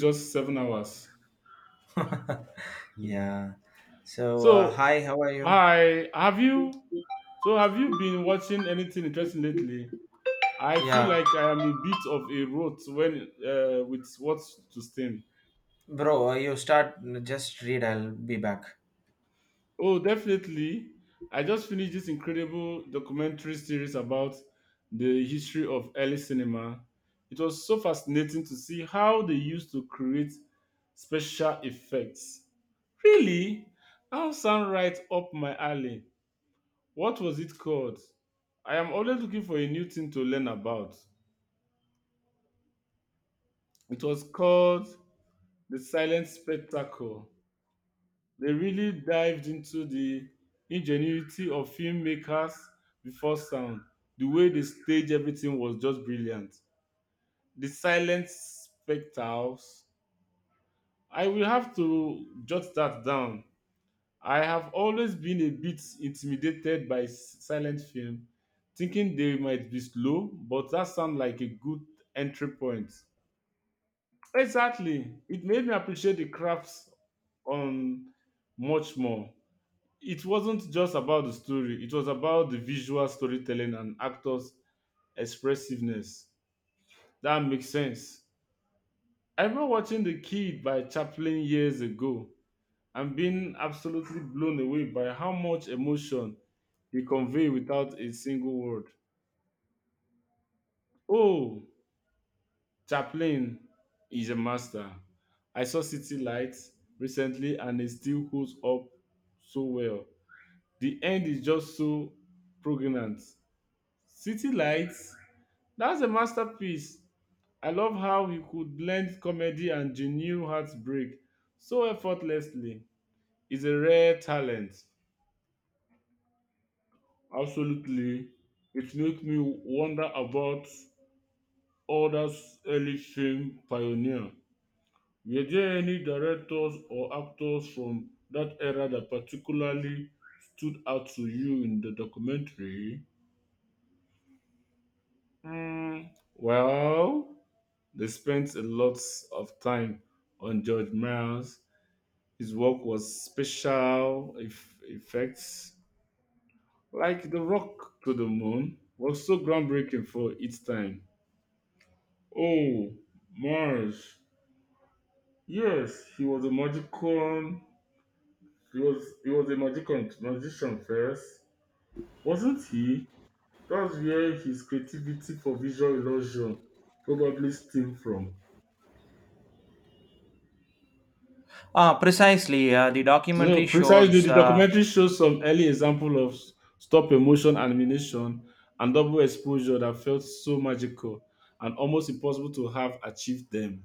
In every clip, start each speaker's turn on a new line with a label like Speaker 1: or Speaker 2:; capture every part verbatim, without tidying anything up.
Speaker 1: Just seven hours. Mm.
Speaker 2: Yeah. So, uh,
Speaker 1: So,
Speaker 2: hi, how are you?
Speaker 1: I have you? So, have you been watching anything interesting lately? I feel
Speaker 2: Yeah.
Speaker 1: like I am a bit of a rot when uh, with what to steam.
Speaker 2: Bro, uh, you start, just read, I'll be back.
Speaker 1: Oh, definitely. I just finished this incredible documentary series about the history of early cinema. It was so fascinating to see how they used to create special effects. Really? That sound right up my alley. What was it called? I am always looking for a new thing to learn about. It was called The Silent Spectacle. They really dived into the ingenuity of filmmakers before sound. The way they staged everything was just brilliant. The Silent Spectacles. I will have to jot that down. I have always been a bit intimidated by s- silent film, thinking they might be slow, but that sounds like a good entry point. Exactly. It made me appreciate the crafts on much more. It wasn't just about the story, it was about the visual storytelling and actors' expressiveness. That makes sense. I remember watching The Kid by Chaplin years ago. I'm being absolutely blown away by how much emotion they convey without a single word. Oh, Chaplin is a master. I saw City Lights recently and it still holds up so well. The end is just so pregnant. City Lights, that's a masterpiece. I love how he could blend comedy and genuine heartbreak so effortlessly. He's a rare talent. Absolutely. It makes me wonder about others' early film pioneer. Were there any directors or actors from that era that particularly stood out to you in the documentary? Hmm, well, they spent a lot of time on George Miles. His work was special eff- effects, like The Rock to the Moon, was so groundbreaking for its time. Oh, Mars. Yes, he was a magician. He was he was a magician magician first, wasn't he? That's where his creativity for visual illusion probably stemmed from.
Speaker 2: Ah, precisely. Uh, the
Speaker 1: No,
Speaker 2: documentary
Speaker 1: precisely.
Speaker 2: shows.
Speaker 1: The
Speaker 2: Uh,
Speaker 1: documentary shows some early example of stop motion animation and double exposure that felt so magical and almost impossible to have achieved them.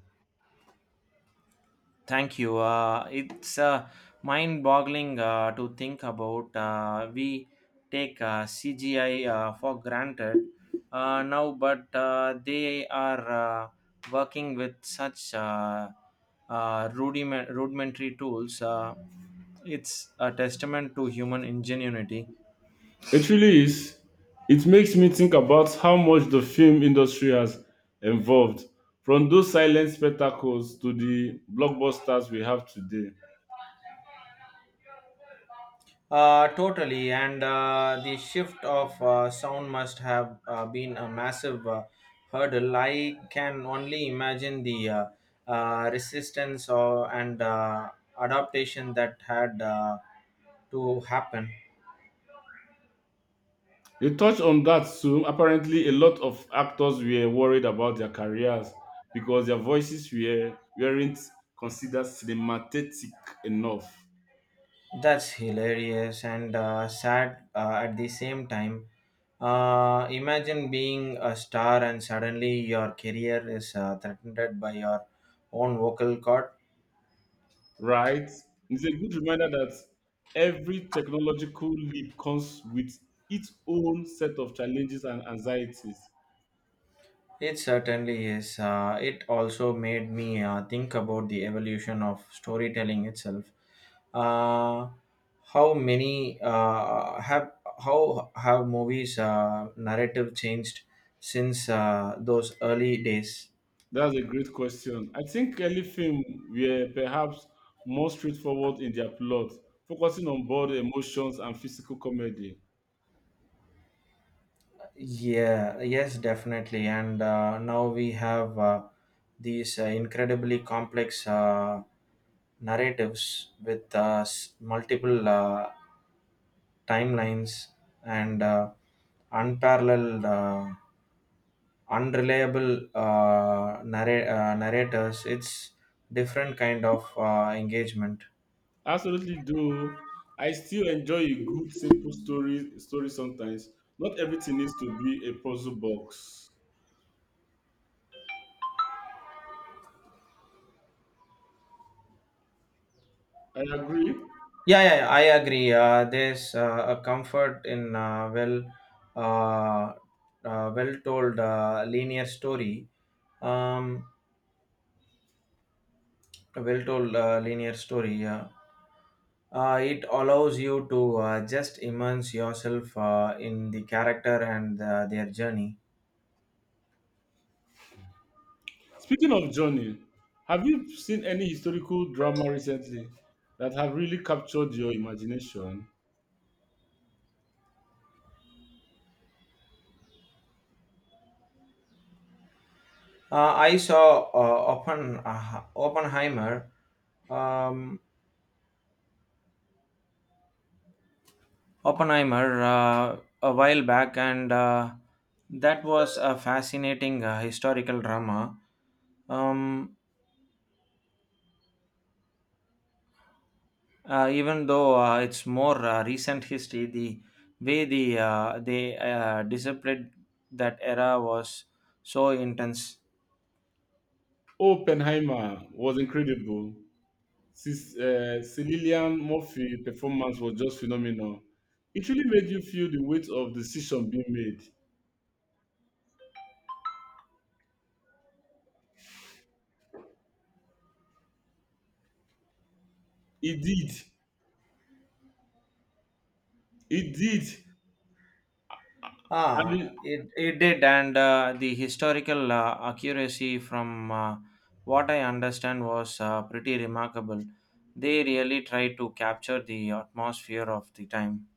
Speaker 2: Thank you. Uh, it's uh, mind-boggling uh, to think about. Uh, we take uh, C G I uh, for granted uh, now, but uh, they are uh, working with such uh, uh, rudiment- rudimentary tools. Uh, It's a testament to human ingenuity.
Speaker 1: It really is. It makes me think about how much the film industry has evolved from those silent spectacles to the blockbusters we have today.
Speaker 2: Uh, totally, and uh, the shift of uh, sound must have uh, been a massive uh, hurdle. I can only imagine the uh, uh, resistance or, and uh, adaptation that had uh, to happen.
Speaker 1: They touched on that too. Apparently, a lot of actors were worried about their careers because their voices were, weren't considered cinematic enough,
Speaker 2: That's hilarious and uh, sad uh, at the same time. Uh, imagine being a star and suddenly your career is uh, threatened by your own vocal cord.
Speaker 1: right? It's a good reminder that every technological leap comes with its own set of challenges and anxieties.
Speaker 2: It certainly is. Uh, it also made me uh, think about the evolution of storytelling itself. Uh, how many uh, have how have movies uh, narrative changed since uh, those early days?
Speaker 1: That's a great question. I think early films were perhaps more straightforward in their plot, focusing on both emotions and physical comedy.
Speaker 2: Yeah, yes, definitely. And uh, now we have uh, these uh, incredibly complex uh, narratives with uh, s- multiple uh, timelines and uh, unparalleled, uh, unreliable uh, narra- uh, narrators. It's different kind of uh, engagement.
Speaker 1: Absolutely do. I still enjoy a good simple story story sometimes. Not everything needs to be a puzzle box. I agree.
Speaker 2: Yeah, yeah, yeah, I agree. Uh, there's uh, a comfort in uh, well, uh, uh, well-told uh, linear story. Um, a well-told uh, linear story. Yeah. Uh, it allows you to uh, just immerse yourself uh, in the character and uh, their journey.
Speaker 1: Speaking of Johnny, have you seen any historical drama recently that have really captured your imagination?
Speaker 2: Uh, I saw uh, Oppen, uh, Oppenheimer. Um, Oppenheimer uh, a while back, and uh, that was a fascinating uh, historical drama. Um, uh, Even though uh, it's more uh, recent history, the way the uh, they uh, displayed that era was so intense.
Speaker 1: Oppenheimer was incredible. Sis, uh, Cilillian Murphy performance was just phenomenal. It really made you feel the weight of decision being made. It did. It did. And
Speaker 2: Ah,
Speaker 1: it,
Speaker 2: it, it did, and uh, the historical uh, accuracy from uh, what I understand was uh, pretty remarkable. They really tried to capture the atmosphere of the time.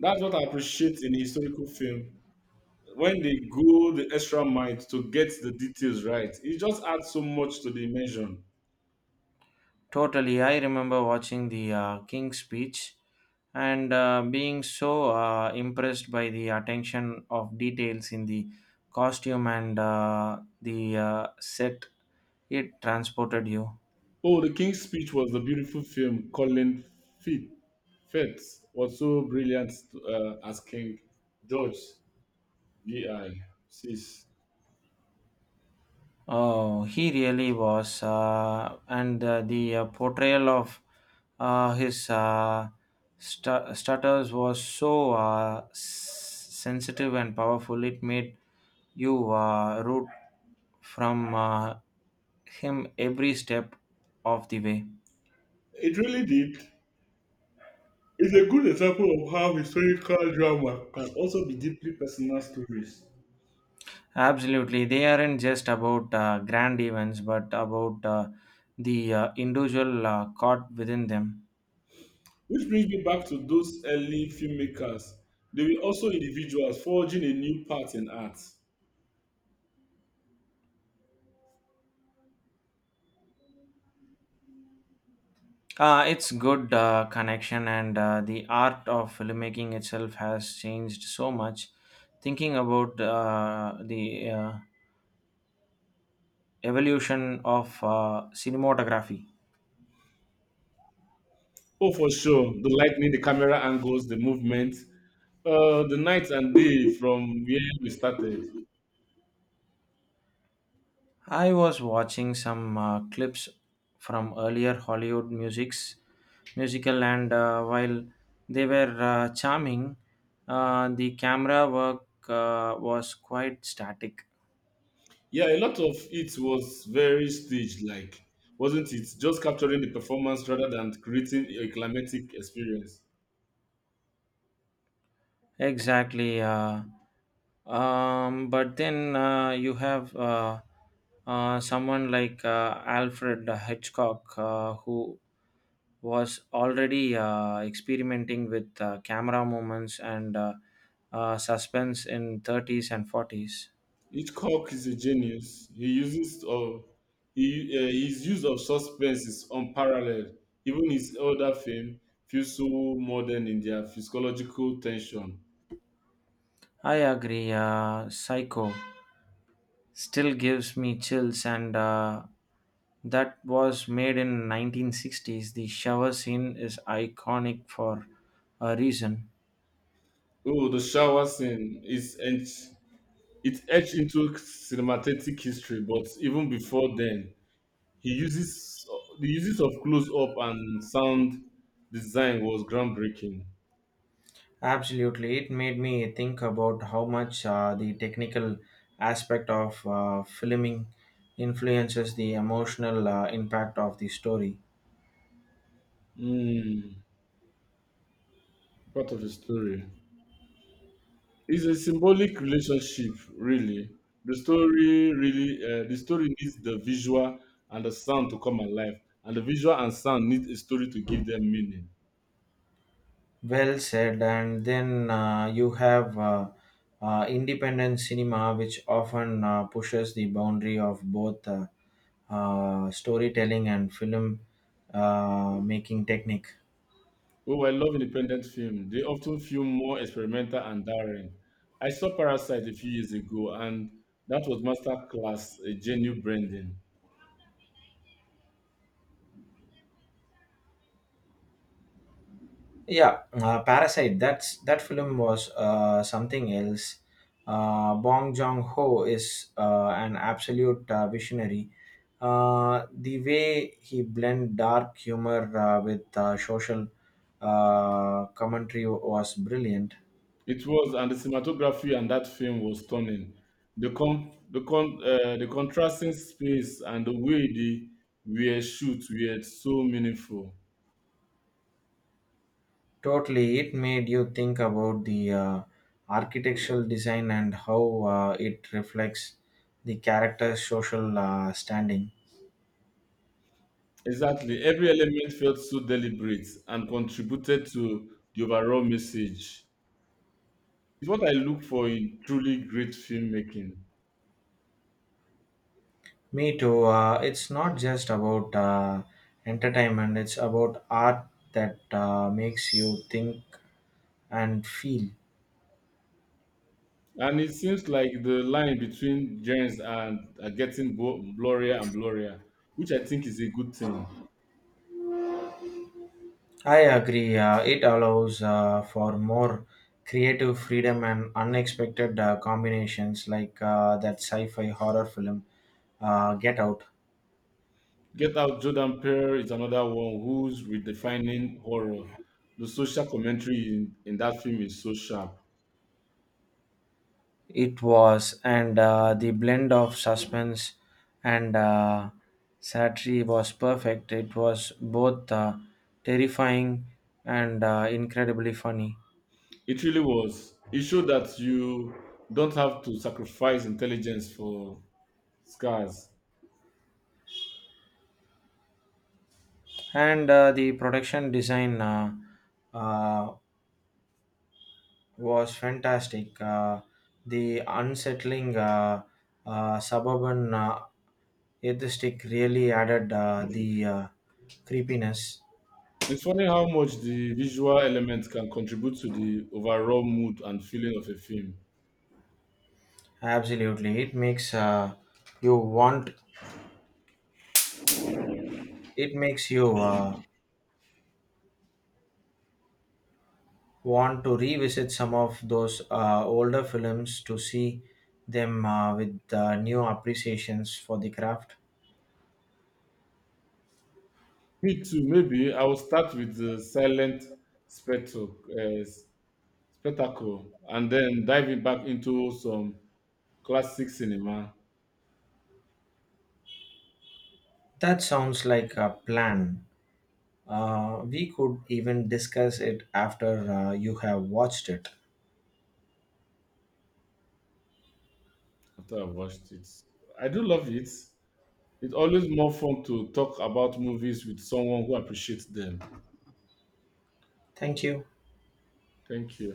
Speaker 1: that's what I appreciate in historical film. When they go the extra mile to get the details right, it just adds so much to the immersion.
Speaker 2: Totally. I remember watching the uh, King's speech and uh, being so uh, impressed by the attention of details in the costume and uh, the uh, set it transported you.
Speaker 1: Oh, The King's Speech was a beautiful film. Colin Firth Firth was so brilliant uh, as King George six. Sis.
Speaker 2: Oh, he really was, uh, and uh, the uh, portrayal of uh, his uh, stu- stutters was so uh, s- sensitive and powerful. It made you uh, root from uh, him every step of the way.
Speaker 1: It really did. It's a good example of how historical drama can also be deeply personal stories,
Speaker 2: Absolutely, they aren't just about uh, grand events, but about uh, the uh, individual uh, caught within them.
Speaker 1: which brings me back to those early filmmakers. They were also individuals forging a new path in art.
Speaker 2: Uh, it's good uh, connection, and uh, the art of filmmaking itself has changed so much. Thinking about uh, the uh, evolution of uh, cinematography,
Speaker 1: Oh, for sure. The lightning, the camera angles, the movement, uh, the night and day from where we started.
Speaker 2: I was watching some uh, clips from earlier Hollywood musics, musical, and uh, while they were uh, charming, uh, the camera work uh, was quite static.
Speaker 1: Yeah, a lot of it was very staged like, wasn't it? Just capturing the performance rather than creating a climatic experience.
Speaker 2: Exactly. Uh, um, but then uh, you have uh, uh, someone like uh, Alfred Hitchcock uh, who was already uh, experimenting with uh, camera movements and uh, uh, suspense in thirties and forties.
Speaker 1: Hitchcock is a genius. He uses of he, uh, his use of suspense is unparalleled. Even his older film feels so modern in their physiological tension.
Speaker 2: I agree. Uh, Psycho still gives me chills, and uh, that was made in nineteen sixties. The shower scene is iconic for a reason.
Speaker 1: Oh, the shower scene is etched, it etched into cinematic history. But even before then, he uses the uses of close up and sound design was groundbreaking.
Speaker 2: Absolutely. It made me think about how much uh, the technical aspect of uh, filming influences the emotional uh, impact of the story.
Speaker 1: Hmm, Part of the story. It's a symbolic relationship, really. The story really, uh, the story needs the visual and the sound to come alive, and the visual and sound need a story to give them meaning.
Speaker 2: Well said. And then uh, you have uh, uh, independent cinema, which often uh, pushes the boundary of both uh, uh, storytelling and film uh, making technique.
Speaker 1: Oh, I love independent film. They often feel more experimental and daring. I saw Parasite a few years ago, and that was masterclass, a genuine branding.
Speaker 2: Yeah, uh, Parasite. That's that film was uh, something else. Uh, Bong Joon Ho is uh, an absolute uh, visionary. Uh, the way he blend dark humor uh, with uh, social uh, commentary was brilliant.
Speaker 1: It was, and the cinematography and that film was stunning. The con- the con- uh, the contrasting space and the way they were shoot were so meaningful.
Speaker 2: Totally, it made you think about the uh, architectural design and how uh, it reflects the character's social uh, standing.
Speaker 1: Exactly, every element felt so deliberate and contributed to the overall message. It's what I look for in truly great filmmaking,
Speaker 2: Me too. Uh, it's not just about uh, entertainment, it's about art that uh, makes you think and feel.
Speaker 1: and it seems like the line between genres are are getting blo- blurrier and blurrier, which I think is a good thing.
Speaker 2: I agree. Uh, it allows uh, for more creative freedom and unexpected uh, combinations like uh, that sci fi horror film, uh, Get Out.
Speaker 1: Get Out Jordan Peele is another one who's redefining horror. The social commentary in, in that film is so sharp.
Speaker 2: It was, and uh, the blend of suspense and uh, satire was perfect. It was both uh, terrifying and uh, incredibly funny.
Speaker 1: It really was. It showed that you don't have to sacrifice intelligence for scars.
Speaker 2: And uh, the production design uh, uh, was fantastic. Uh, the unsettling uh, uh, suburban uh, atheistic really added uh, the uh, creepiness.
Speaker 1: It's funny how much the visual element can contribute to the overall mood and feeling of a film.
Speaker 2: Absolutely, it makes uh, you want It makes you uh, want to revisit some of those uh, older films to see them uh, with uh, new appreciations for the craft.
Speaker 1: Me too, maybe I will start with the silent spectacle, uh, spectacle and then diving back into some classic cinema.
Speaker 2: That sounds like a plan. Uh, we could even discuss it after uh, you have watched it.
Speaker 1: After I've watched it. I do love it. It's always more fun to talk about movies with someone who appreciates them.
Speaker 2: Thank you.
Speaker 1: Thank you.